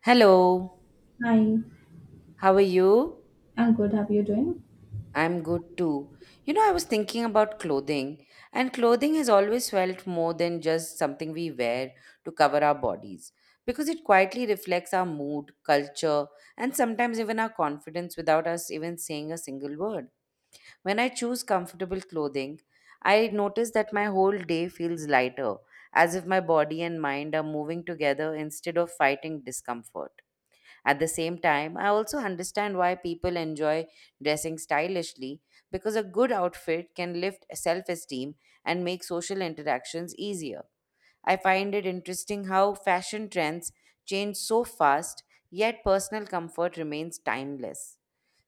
Hello, Hi, how are you? I'm good. How are you doing? I'm good too. You know, I was thinking about clothing, and clothing has always felt more than just something we wear to cover our bodies because it quietly reflects our mood, culture, and sometimes even our confidence without us even saying a single word. When I choose comfortable clothing, I notice that my whole day feels lighter, as if my body and mind are moving together instead of fighting discomfort. At the same time, I also understand why people enjoy dressing stylishly because a good outfit can lift self esteem and make social interactions easier. I find it interesting how fashion trends change so fast, yet personal comfort remains timeless.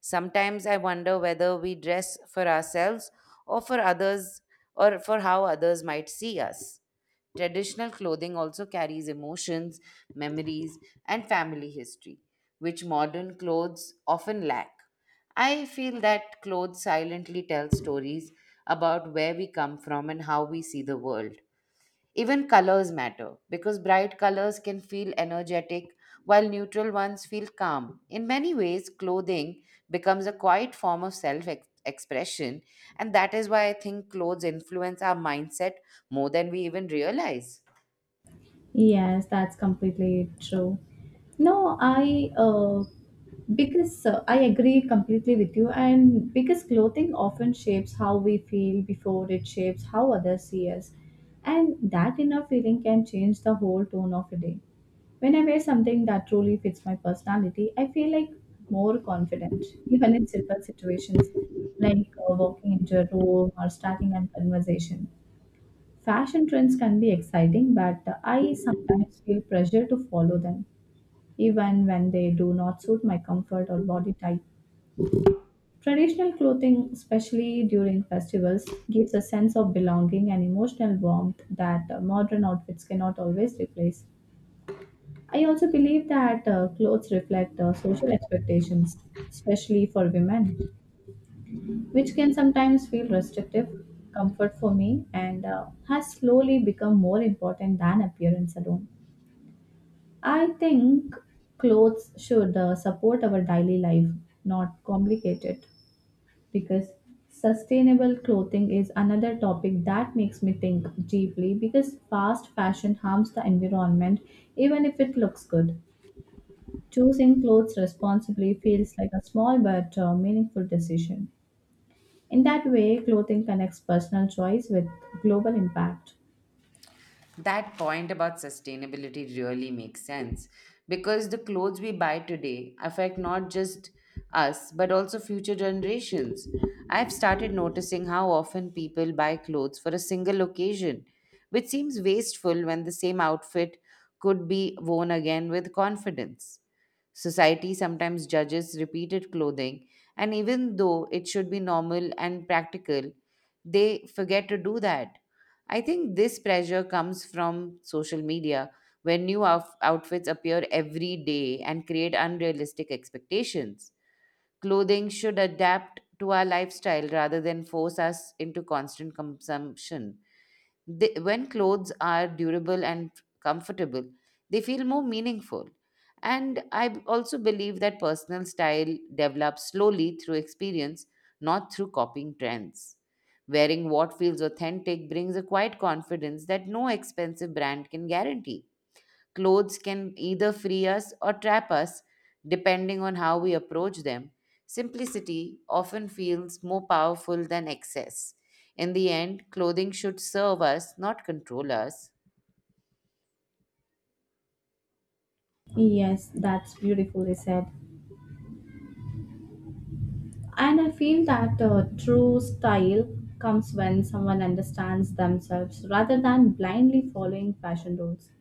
Sometimes I wonder whether we dress for ourselves or for others or for how others might see us. Traditional clothing also carries emotions, memories, and family history, which modern clothes often lack. I feel that clothes silently tell stories about where we come from and how we see the world. Even colors matter because bright colors can feel energetic while neutral ones feel calm. In many ways, clothing becomes a quiet form of self expression, and that is why I think clothes influence our mindset more than we even realize. Yes, that's completely true. No, I because I agree completely with you, and because clothing often shapes how we feel before it shapes how others see us, and that inner feeling can change the whole tone of a day. When I wear something that truly fits my personality, I feel like more confident, even in simple situations like walking into a room or starting a conversation. Fashion trends can be exciting, but I sometimes feel pressure to follow them, even when they do not suit my comfort or body type. Traditional clothing, especially during festivals, gives a sense of belonging and emotional warmth that modern outfits cannot always replace. I also believe that clothes reflect social expectations, especially for women, which can sometimes feel restrictive. Comfort for me and has slowly become more important than appearance alone. I think clothes should support our daily life, not complicate it. Because sustainable clothing is another topic that makes me think deeply because fast fashion harms the environment even if it looks good. Choosing clothes responsibly feels like a small but meaningful decision. In that way, clothing connects personal choice with global impact. That point about sustainability really makes sense because the clothes we buy today affect not just us but also future generations. I've started noticing how often people buy clothes for a single occasion, which seems wasteful when the same outfit could be worn again with confidence. Society sometimes judges repeated clothing, and even though it should be normal and practical, they forget to do that. I think this pressure comes from social media, where new outfits appear every day and create unrealistic expectations. Clothing should adapt to our lifestyle rather than force us into constant consumption. They, when clothes are durable and comfortable, they feel more meaningful. And I also believe that personal style develops slowly through experience, not through copying trends. Wearing what feels authentic brings a quiet confidence that no expensive brand can guarantee. Clothes can either free us or trap us, depending on how we approach them. Simplicity often feels more powerful than excess. In the end, clothing should serve us, not control us. Yes, that's beautifully said. And I feel that true style comes when someone understands themselves rather than blindly following fashion rules.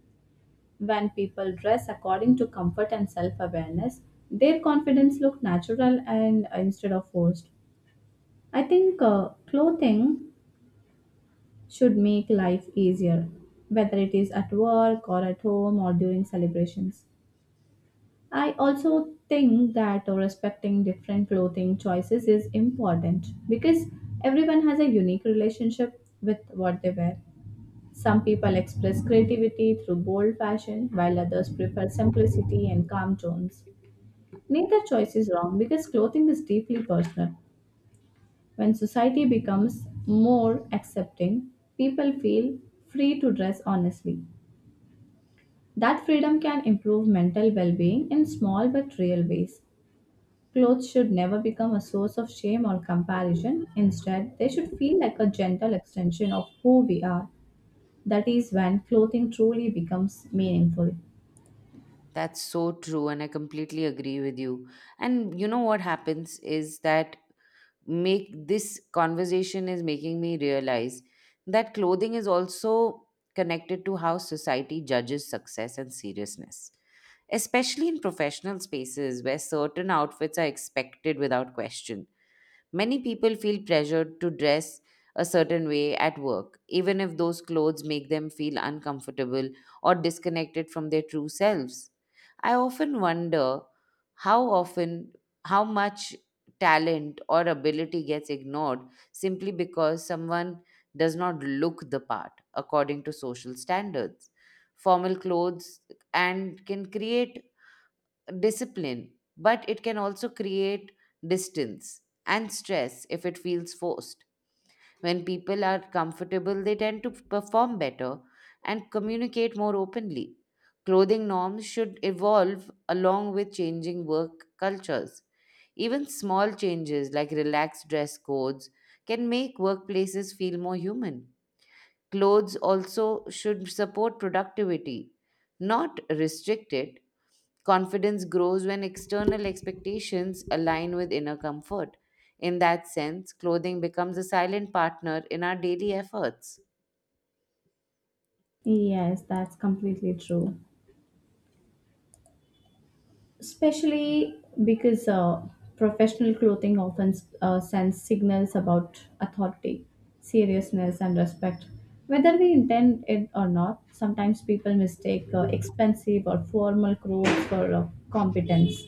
When people dress according to comfort and self awareness, their confidence looks natural and instead of forced. I think clothing should make life easier, whether it is at work or at home or during celebrations. I also think that respecting different clothing choices is important because everyone has a unique relationship with what they wear. Some people express creativity through bold fashion, while others prefer simplicity and calm tones. Neither choice is wrong because clothing is deeply personal. When society becomes more accepting, people feel free to dress honestly. That freedom can improve mental well being in small but real ways. Clothes should never become a source of shame or comparison. Instead, they should feel like a gentle extension of who we are. That is when clothing truly becomes meaningful. That's so true, and I completely agree with you. And you know what happens is that make this conversation is making me realize that clothing is also connected to how society judges success and seriousness, especially in professional spaces where certain outfits are expected without question. Many people feel pressured to dress a certain way at work, even if those clothes make them feel uncomfortable or disconnected from their true selves. I often wonder how often, how much talent or ability gets ignored simply because someone does not look the part according to social standards. Formal clothes and can create discipline, but it can also create distance and stress if it feels forced. When people are comfortable, they tend to perform better and communicate more openly. Clothing norms should evolve along with changing work cultures. Even small changes like relaxed dress codes can make workplaces feel more human. Clothes also should support productivity, not restrict it. Confidence grows when external expectations align with inner comfort. In that sense, clothing becomes a silent partner in our daily efforts. Yes, that's completely true. Especially because professional clothing often sends signals about authority, seriousness, and respect. Whether we intend it or not, sometimes people mistake expensive or formal clothes for competence,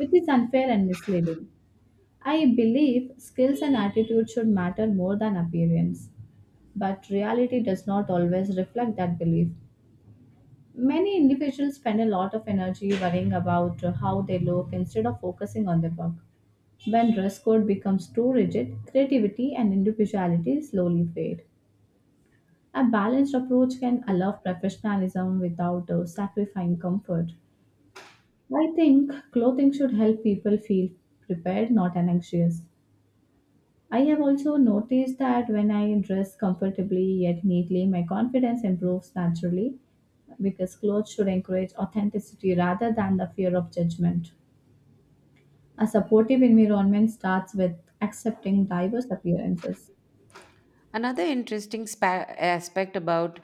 which is unfair and misleading. I believe skills and attitude should matter more than appearance, but reality does not always reflect that belief. Many individuals spend a lot of energy worrying about how they look instead of focusing on their work. When dress code becomes too rigid, creativity and individuality slowly fade. A balanced approach can allow professionalism without sacrificing comfort. I think clothing should help people feel prepared, not anxious. I have also noticed that when I dress comfortably yet neatly, my confidence improves naturally because clothes should encourage authenticity rather than the fear of judgment. A supportive environment starts with accepting diverse appearances. Another interesting aspect about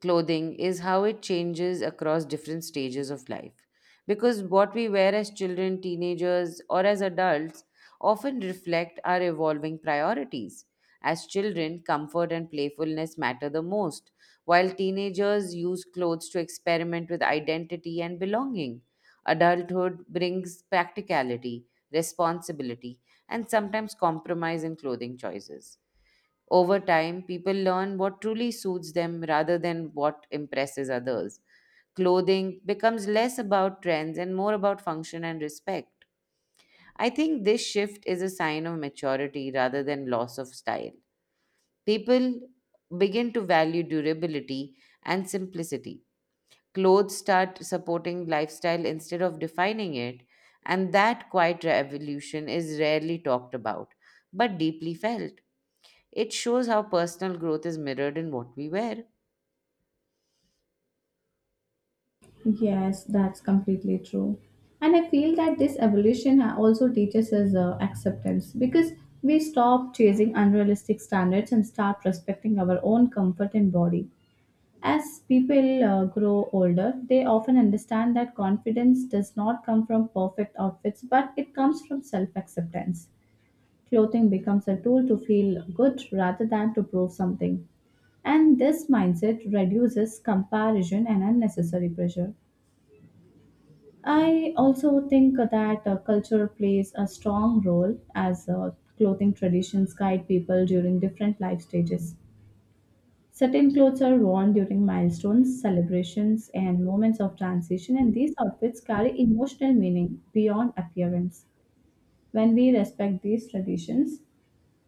clothing is how it changes across different stages of life. Because what we wear as children, teenagers, or as adults often reflect our evolving priorities. As children, comfort and playfulness matter the most, while teenagers use clothes to experiment with identity and belonging. Adulthood brings practicality, responsibility, and sometimes compromise in clothing choices. Over time, people learn what truly suits them rather than what impresses others. Clothing becomes less about trends and more about function and respect. I think this shift is a sign of maturity rather than loss of style. People begin to value durability and simplicity. Clothes start supporting lifestyle instead of defining it, and that quiet revolution is rarely talked about but deeply felt. It shows how personal growth is mirrored in what we wear. Yes, that's completely true. And I feel that this evolution also teaches us acceptance because we stop chasing unrealistic standards and start respecting our own comfort and body. As people grow older, they often understand that confidence does not come from perfect outfits, but it comes from self acceptance. Clothing becomes a tool to feel good rather than to prove something. And this mindset reduces comparison and unnecessary pressure. I also think that culture plays a strong role as clothing traditions guide people during different life stages. Certain clothes are worn during milestones, celebrations, and moments of transition, and these outfits carry emotional meaning beyond appearance. When we respect these traditions,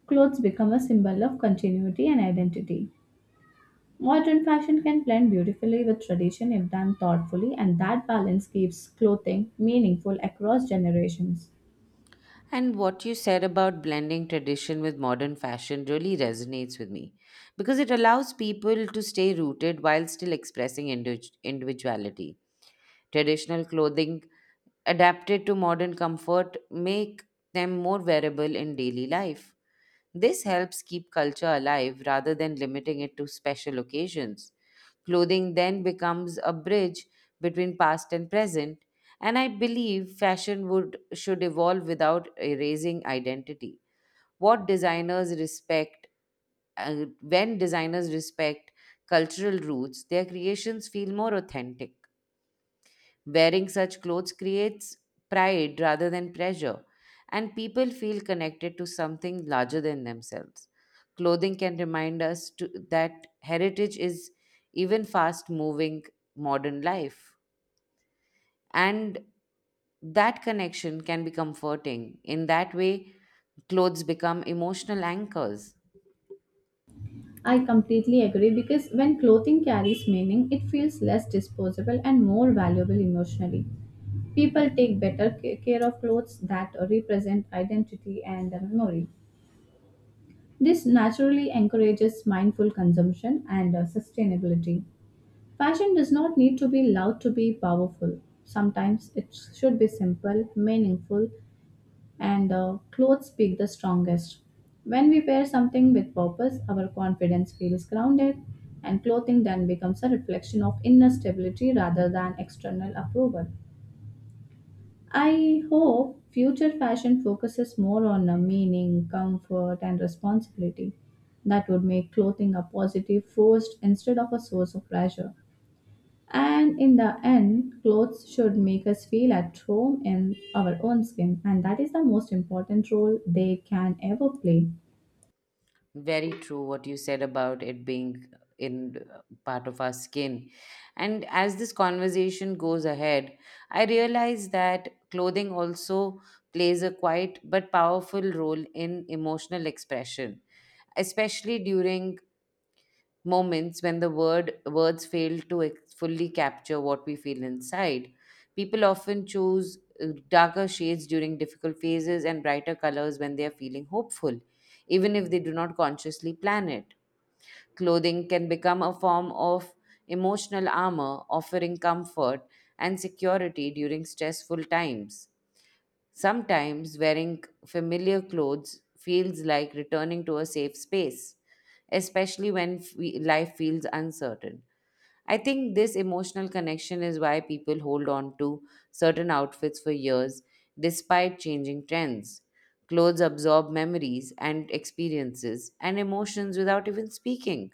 clothes become a symbol of continuity and identity. Modern fashion can blend beautifully with tradition if done thoughtfully, and that balance keeps clothing meaningful across generations. And what you said about blending tradition with modern fashion really resonates with me because it allows people to stay rooted while still expressing individuality. Traditional clothing adapted to modern comfort make them more wearable in daily life. This helps keep culture alive rather than limiting it to special occasions. Clothing then becomes a bridge between past and present, and I believe fashion would should evolve without erasing identity. What designers respect when designers respect cultural roots, their creations feel more authentic. Wearing such clothes creates pride rather than pressure, and people feel connected to something larger than themselves. Clothing can remind us to, that heritage is even fast moving modern life. And that connection can be comforting. In that way, clothes become emotional anchors. I completely agree because when clothing carries meaning, it feels less disposable and more valuable emotionally. People take better care of clothes that represent identity and memory. This naturally encourages mindful consumption and sustainability. Fashion does not need to be loud to be powerful. Sometimes it should be simple, meaningful, and clothes speak the strongest. When we wear something with purpose, our confidence feels grounded, and clothing then becomes a reflection of inner stability rather than external approval. I hope future fashion focuses more on meaning, comfort, and responsibility. That would make clothing a positive force instead of a source of pressure. And in the end, clothes should make us feel at home in our own skin, and that is the most important role they can ever play. Very true what you said about it being in part of our skin. And as this conversation goes ahead, I realize that clothing also plays a quiet but powerful role in emotional expression, especially during moments when the words fail to fully capture what we feel inside. People often choose darker shades during difficult phases and brighter colors when they are feeling hopeful, even if they do not consciously plan it. Clothing can become a form of emotional armor, offering comfort and security during stressful times. Sometimes wearing familiar clothes feels like returning to a safe space, especially when life feels uncertain. I think this emotional connection is why people hold on to certain outfits for years despite changing trends. Clothes absorb memories and experiences and emotions without even speaking.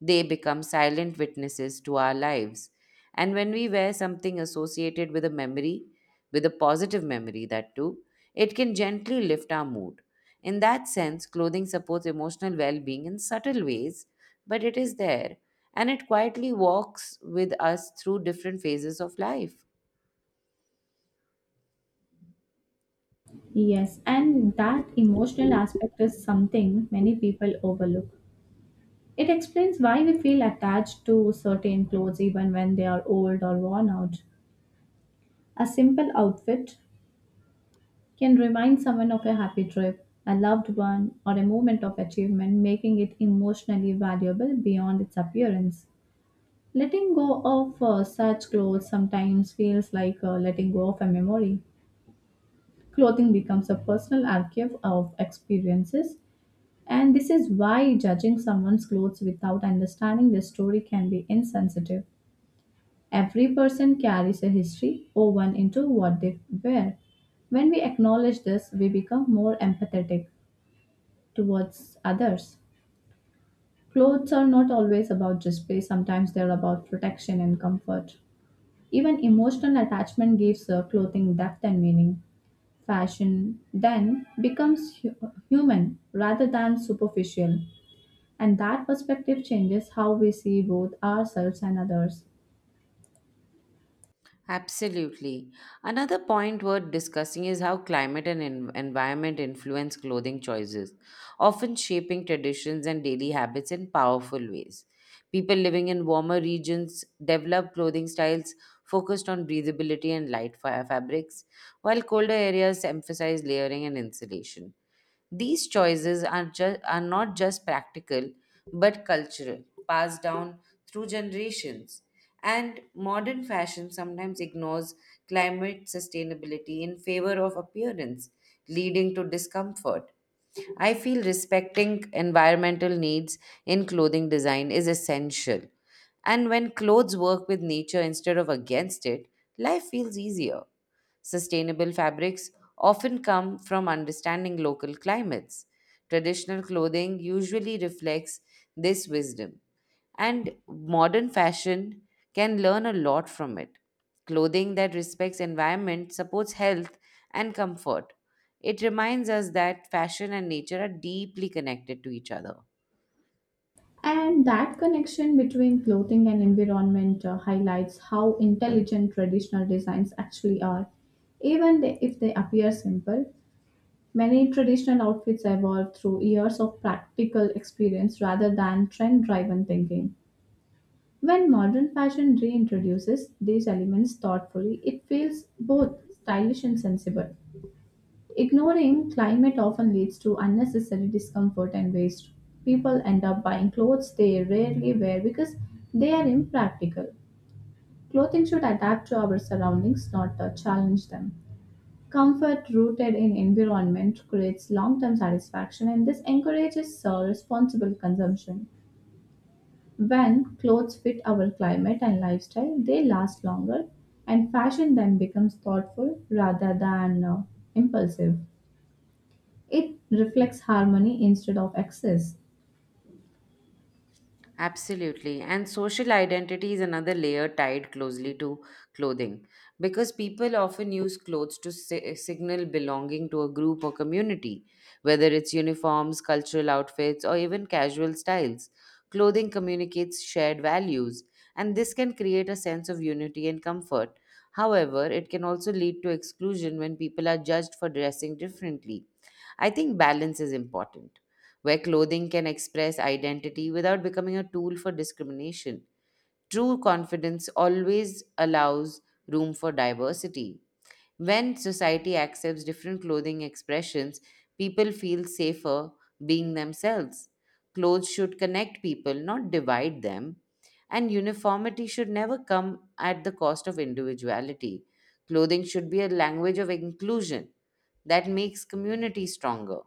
They become silent witnesses to our lives. And when we wear something associated with a memory, with a positive memory, that too, it can gently lift our mood. In that sense, clothing supports emotional well being in subtle ways, but it is there and it quietly walks with us through different phases of life. Yes, and that emotional aspect is something many people overlook. It explains why we feel attached to certain clothes even when they are old or worn out. A simple outfit can remind someone of a happy trip, a loved one, or a moment of achievement, making it emotionally valuable beyond its appearance. Letting go of such clothes sometimes feels like letting go of a memory. Clothing becomes a personal archive of experiences, and this is why judging someone's clothes without understanding their story can be insensitive. Every person carries a history woven into what they wear. When we acknowledge this, we become more empathetic towards others. Clothes are not always about display, sometimes they're about protection and comfort. Even emotional attachment gives clothing depth and meaning. Fashion then becomes human rather than superficial, and that perspective changes how we see both ourselves and others. Absolutely. Another point worth discussing is how climate and environment influence clothing choices, often shaping traditions and daily habits in powerful ways. People living in warmer regions develop clothing styles focused on breathability and light fabrics, while colder areas emphasize layering and insulation. These choices are, are not just practical but cultural, passed down through generations. And modern fashion sometimes ignores climate sustainability in favor of appearance, leading to discomfort. I feel respecting environmental needs in clothing design is essential. And when clothes work with nature instead of against it, life feels easier. Sustainable fabrics often come from understanding local climates. Traditional clothing usually reflects this wisdom, and modern fashion can learn a lot from it. Clothing that respects environment supports health and comfort. It reminds us that fashion and nature are deeply connected to each other. And that connection between clothing and environment highlights how intelligent traditional designs actually are. If they appear simple, many traditional outfits evolve through years of practical experience rather than trend driven thinking. When modern fashion reintroduces these elements thoughtfully, it feels both stylish and sensible. Ignoring climate often leads to unnecessary discomfort and waste. People end up buying clothes they rarely wear because they are impractical. Clothing should adapt to our surroundings, not challenge them. Comfort rooted in environment creates long term satisfaction and this encourages responsible consumption. When clothes fit our climate and lifestyle, they last longer and fashion then becomes thoughtful rather than impulsive. It reflects harmony instead of excess. Absolutely. And social identity is another layer tied closely to clothing because people often use clothes to signal belonging to a group or community, whether it's uniforms, cultural outfits, or even casual styles. Clothing communicates shared values, and this can create a sense of unity and comfort. However, it can also lead to exclusion when people are judged for dressing differently. I think balance is important where clothing can express identity without becoming a tool for discrimination. True confidence always allows room for diversity. When society accepts different clothing expressions, people feel safer being themselves. Clothes should connect people, not divide them. And uniformity should never come at the cost of individuality. Clothing should be a language of inclusion that makes community stronger.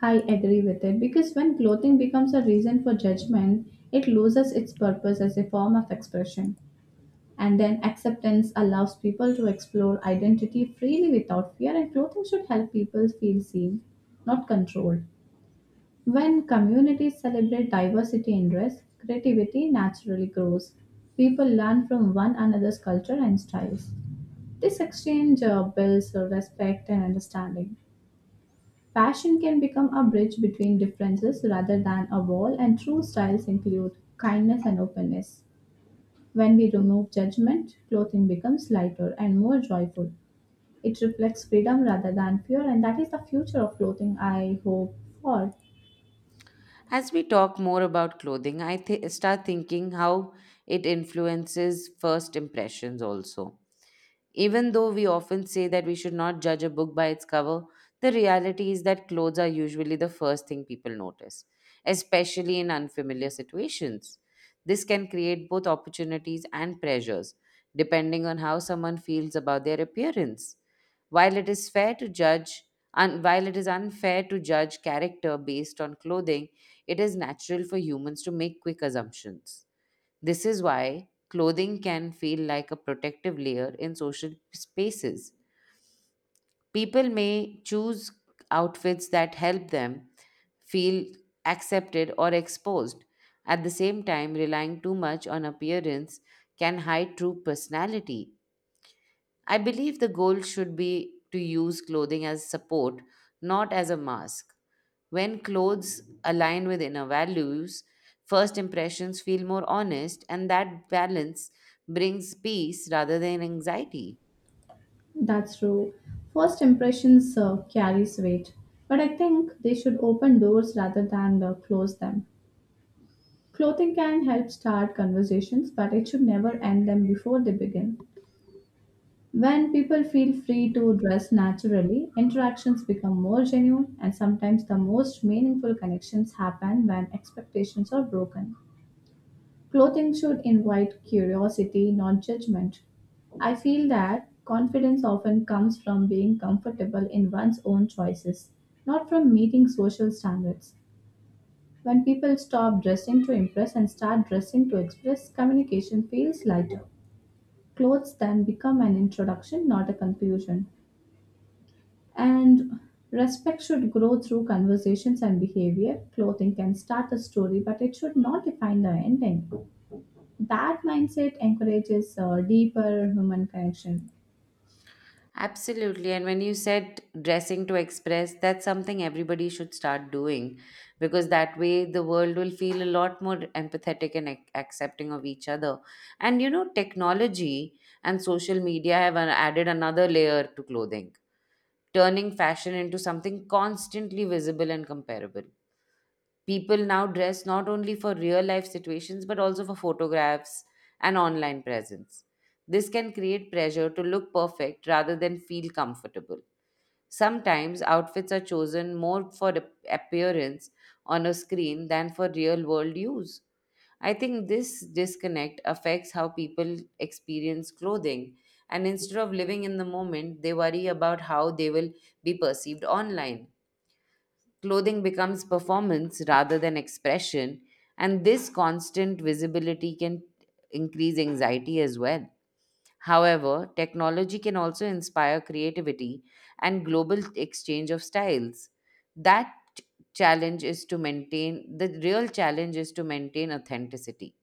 I agree with it because when clothing becomes a reason for judgment, it loses its purpose as a form of expression. And then acceptance allows people to explore identity freely without fear, and clothing should help people feel seen, not controlled. When communities celebrate diversity in dress, creativity naturally grows. People learn from one another's culture and styles. This exchange builds respect and understanding. Fashion can become a bridge between differences rather than a wall, and true styles include kindness and openness. When we remove judgment, clothing becomes lighter and more joyful. It reflects freedom rather than fear, and that is the future of clothing I hope for. As we talk more about clothing, I start thinking how it influences first impressions also. Even though we often say that we should not judge a book by its cover, the reality is that clothes are usually the first thing people notice, especially in unfamiliar situations. This can create both opportunities and pressures, depending on how someone feels about their appearance. While it is fair to judge, and while it is unfair to judge character based on clothing, it is natural for humans to make quick assumptions. This is why clothing can feel like a protective layer in social spaces. People may choose outfits that help them feel accepted or exposed. At the same time, relying too much on appearance can hide true personality. I believe the goal should be to use clothing as support, not as a mask. When clothes align with inner values, first impressions feel more honest, and that balance brings peace rather than anxiety. That's true. First impressions carries weight, but I think they should open doors rather than close them. Clothing can help start conversations, but it should never end them before they begin. When people feel free to dress naturally, interactions become more genuine, and sometimes the most meaningful connections happen when expectations are broken. Clothing should invite curiosity, not judgment. I feel that confidence often comes from being comfortable in one's own choices, not from meeting social standards. When people stop dressing to impress and start dressing to express, communication feels lighter. Clothes then become an introduction, not a conclusion. And respect should grow through conversations and behavior. Clothing can start a story, but it should not define the ending. That mindset encourages a deeper human connection. Absolutely. And when you said dressing to express, that's something everybody should start doing because that way the world will feel a lot more empathetic and accepting of each other. And you know, technology and social media have added another layer to clothing, turning fashion into something constantly visible and comparable. People now dress not only for real life situations but also for photographs and online presence. This can create pressure to look perfect rather than feel comfortable. Sometimes outfits are chosen more for appearance on a screen than for real world use. I think this disconnect affects how people experience clothing, and instead of living in the moment, they worry about how they will be perceived online. Clothing becomes performance rather than expression, and this constant visibility can increase anxiety as well. However, technology can also inspire creativity and global exchange of styles. That challenge is to maintain the real challenge is to maintain authenticity,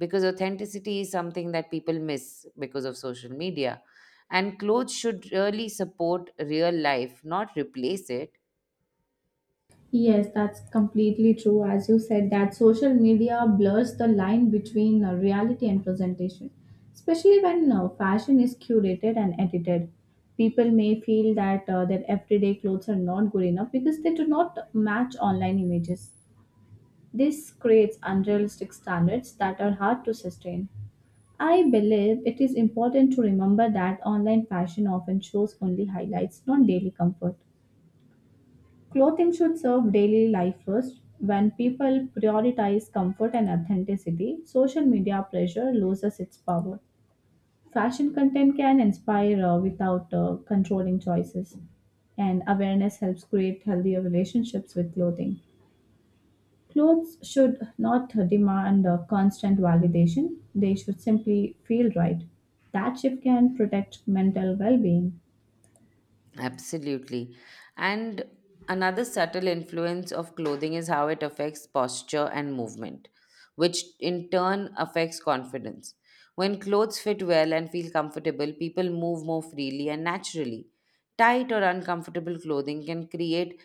because authenticity is something that people miss because of social media, and clothes should really support real life, not replace it. Yes, that's completely true. As you said, that social media blurs the line between reality and presentation, especially when fashion is curated and edited. People may feel that their everyday clothes are not good enough because they do not match online images. This creates unrealistic standards that are hard to sustain. I believe it is important to remember that online fashion often shows only highlights, not daily comfort. Clothing should serve daily life first. When people prioritize comfort and authenticity, social media pressure loses its power. Fashion content can inspire without controlling choices, and awareness helps create healthier relationships with clothing. Clothes should not demand a constant validation, they should simply feel right. That shift can protect mental well being. Absolutely. And another subtle influence of clothing is how it affects posture and movement, which in turn affects confidence. When clothes fit well and feel comfortable, people move more freely and naturally. Tight or uncomfortable clothing can create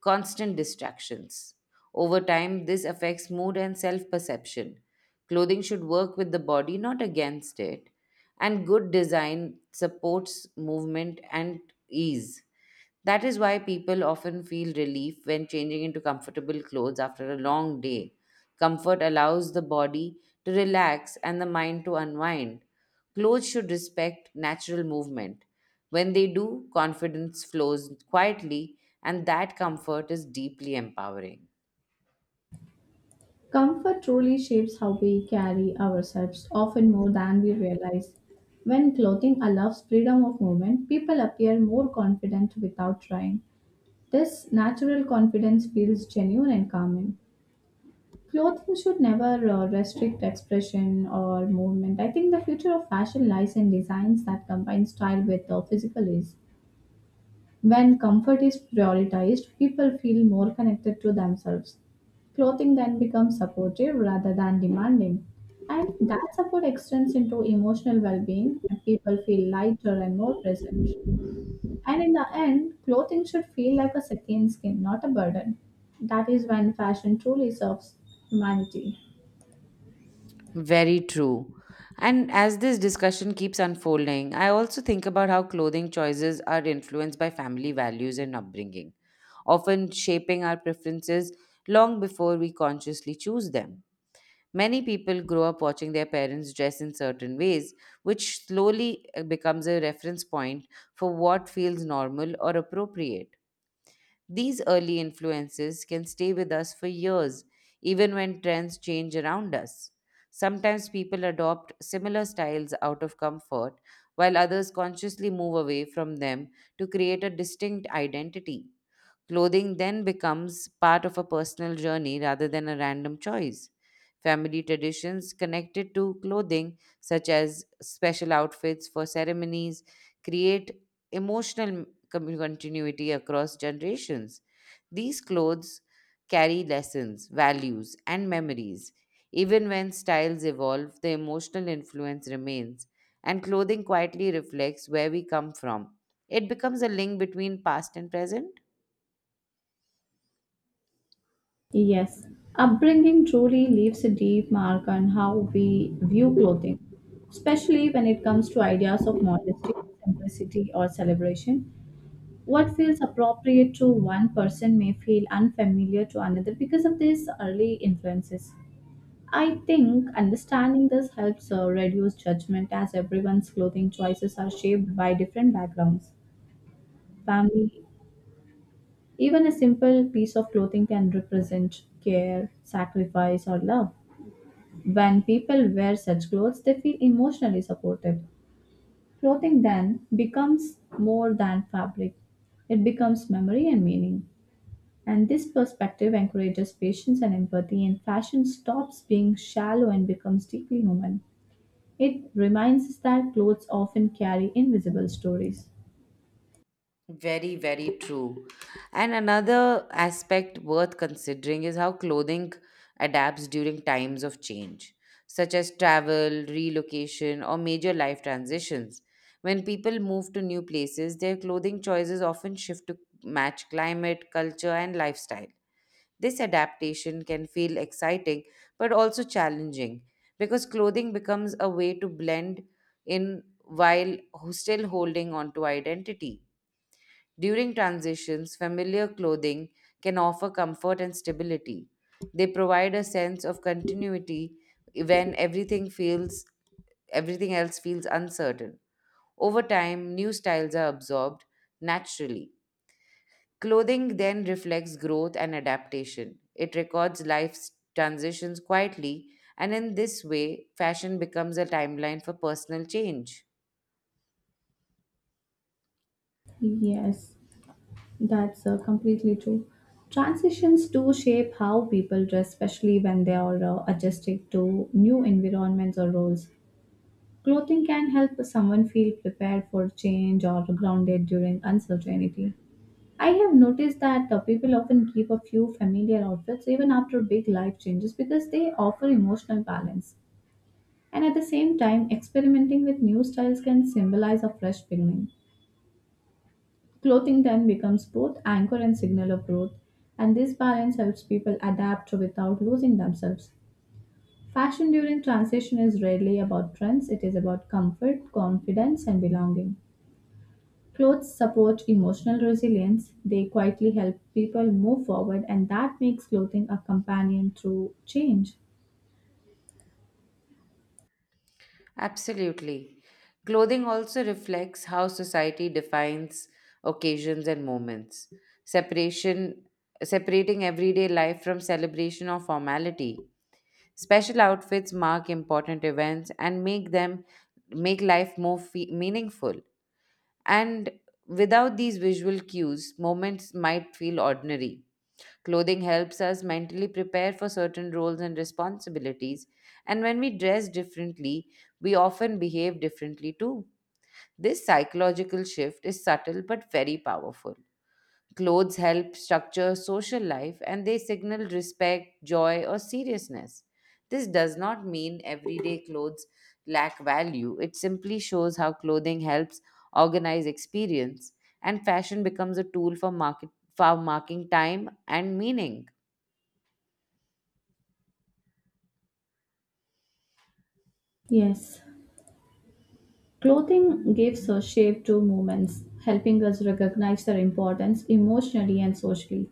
constant distractions. Over time, this affects mood and self perception. Clothing should work with the body, not against it. And good design supports movement and ease. That is why people often feel relief when changing into comfortable clothes after a long day. Comfort allows the body to relax and the mind to unwind. Clothes should respect natural movement. When they do, confidence flows quietly, and that comfort is deeply empowering. Comfort truly shapes how we carry ourselves, often more than we realize. When clothing allows freedom of movement, people appear more confident without trying. This natural confidence feels genuine and calming. Clothing should never restrict expression or movement. I think the future of fashion lies in designs that combine style with physical ease. When comfort is prioritized, people feel more connected to themselves. Clothing then becomes supportive rather than demanding. And that support extends into emotional well being, and people feel lighter and more present. And in the end, clothing should feel like a second skin, not a burden. That is when fashion truly serves humanity. Very true. And as this discussion keeps unfolding, I also think about how clothing choices are influenced by family values and upbringing, often shaping our preferences long before we consciously choose them. Many people grow up watching their parents dress in certain ways, which slowly becomes a reference point for what feels normal or appropriate. These early influences can stay with us for years, even when trends change around us. Sometimes people adopt similar styles out of comfort, while others consciously move away from them to create a distinct identity. Clothing then becomes part of a personal journey rather than a random choice. Family traditions connected to clothing, such as special outfits for ceremonies, create emotional continuity across generations. These clothes carry lessons, values, and memories. Even when styles evolve, the emotional influence remains, and clothing quietly reflects where we come from. It becomes a link between past and present. Yes, upbringing truly leaves a deep mark on how we view clothing, especially when it comes to ideas of modesty, simplicity, or celebration. What feels appropriate to one person may feel unfamiliar to another because of these early influences. I think understanding this helps reduce judgment as everyone's clothing choices are shaped by different backgrounds, family. Even a simple piece of clothing can represent care, sacrifice, or love. When people wear such clothes, they feel emotionally supported. Clothing then becomes more than fabric, it becomes memory and meaning. And this perspective encourages patience and empathy, and fashion stops being shallow and becomes deeply human. It reminds us that clothes often carry invisible stories. Very, very true. And another aspect worth considering is how clothing adapts during times of change, such as travel, relocation, or major life transitions. When people move to new places, their clothing choices often shift to match climate, culture, and lifestyle. This adaptation can feel exciting but also challenging because clothing becomes a way to blend in while still holding on to identity. During transitions, familiar clothing can offer comfort and stability. They provide a sense of continuity when everything else feels uncertain. Over time, new styles are absorbed naturally. Clothing then reflects growth and adaptation. It records life's transitions quietly, and in this way, fashion becomes a timeline for personal change. Yes, that's completely true. Transitions do shape how people dress, especially when they are adjusting to new environments or roles. Clothing can help someone feel prepared for change or grounded during uncertainty. I have noticed that people often keep a few familiar outfits even after big life changes because they offer emotional balance. And at the same time, experimenting with new styles can symbolize a fresh beginning. Clothing then becomes both anchor and signal of growth, and this balance helps people adapt without losing themselves. Fashion during transition is rarely about trends, it is about comfort, confidence, and belonging. Clothes support emotional resilience, they quietly help people move forward, and that makes clothing a companion through change. Absolutely. Clothing also reflects how society defines occasions and moments. Separation Separating everyday life from celebration or formality. Special outfits mark important events and make life more meaningful. And without these visual cues, moments might feel ordinary. Clothing helps us mentally prepare for certain roles and responsibilities, and when we dress differently, we often behave differently too. This psychological shift is subtle but very powerful. Clothes help structure social life, and they signal respect, joy, or seriousness. This does not mean everyday clothes lack value. It simply shows how clothing helps organize experience, and fashion becomes a tool for market for marking time and meaning. Yes, clothing gives a shape to movements, helping us recognize their importance emotionally and socially.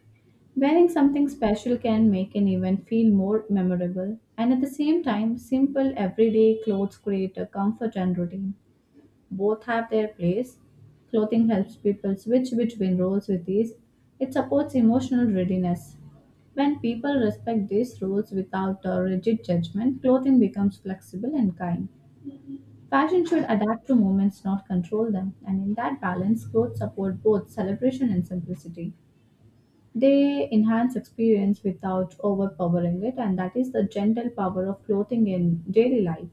Wearing something special can make an event feel more memorable, and at the same time, simple everyday clothes create a comfort and routine. Both have their place. Clothing helps people switch between roles with ease. It supports emotional readiness. When people respect these rules without a rigid judgment, clothing becomes flexible and kind. Fashion should adapt to moments, not control them. And in that balance, clothes support both celebration and simplicity. They enhance experience without overpowering it, and that is the gentle power of clothing in daily life.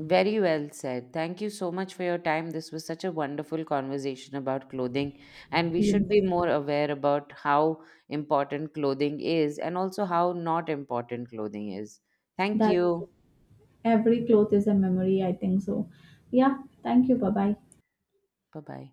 Very well said. Thank you so much for your time. This was such a wonderful conversation about clothing, and we should be Yes. more aware about how important clothing is and also how not important clothing is. Thank That's you. Every cloth is a memory, I think so. Yeah, thank you. Bye bye. Bye bye.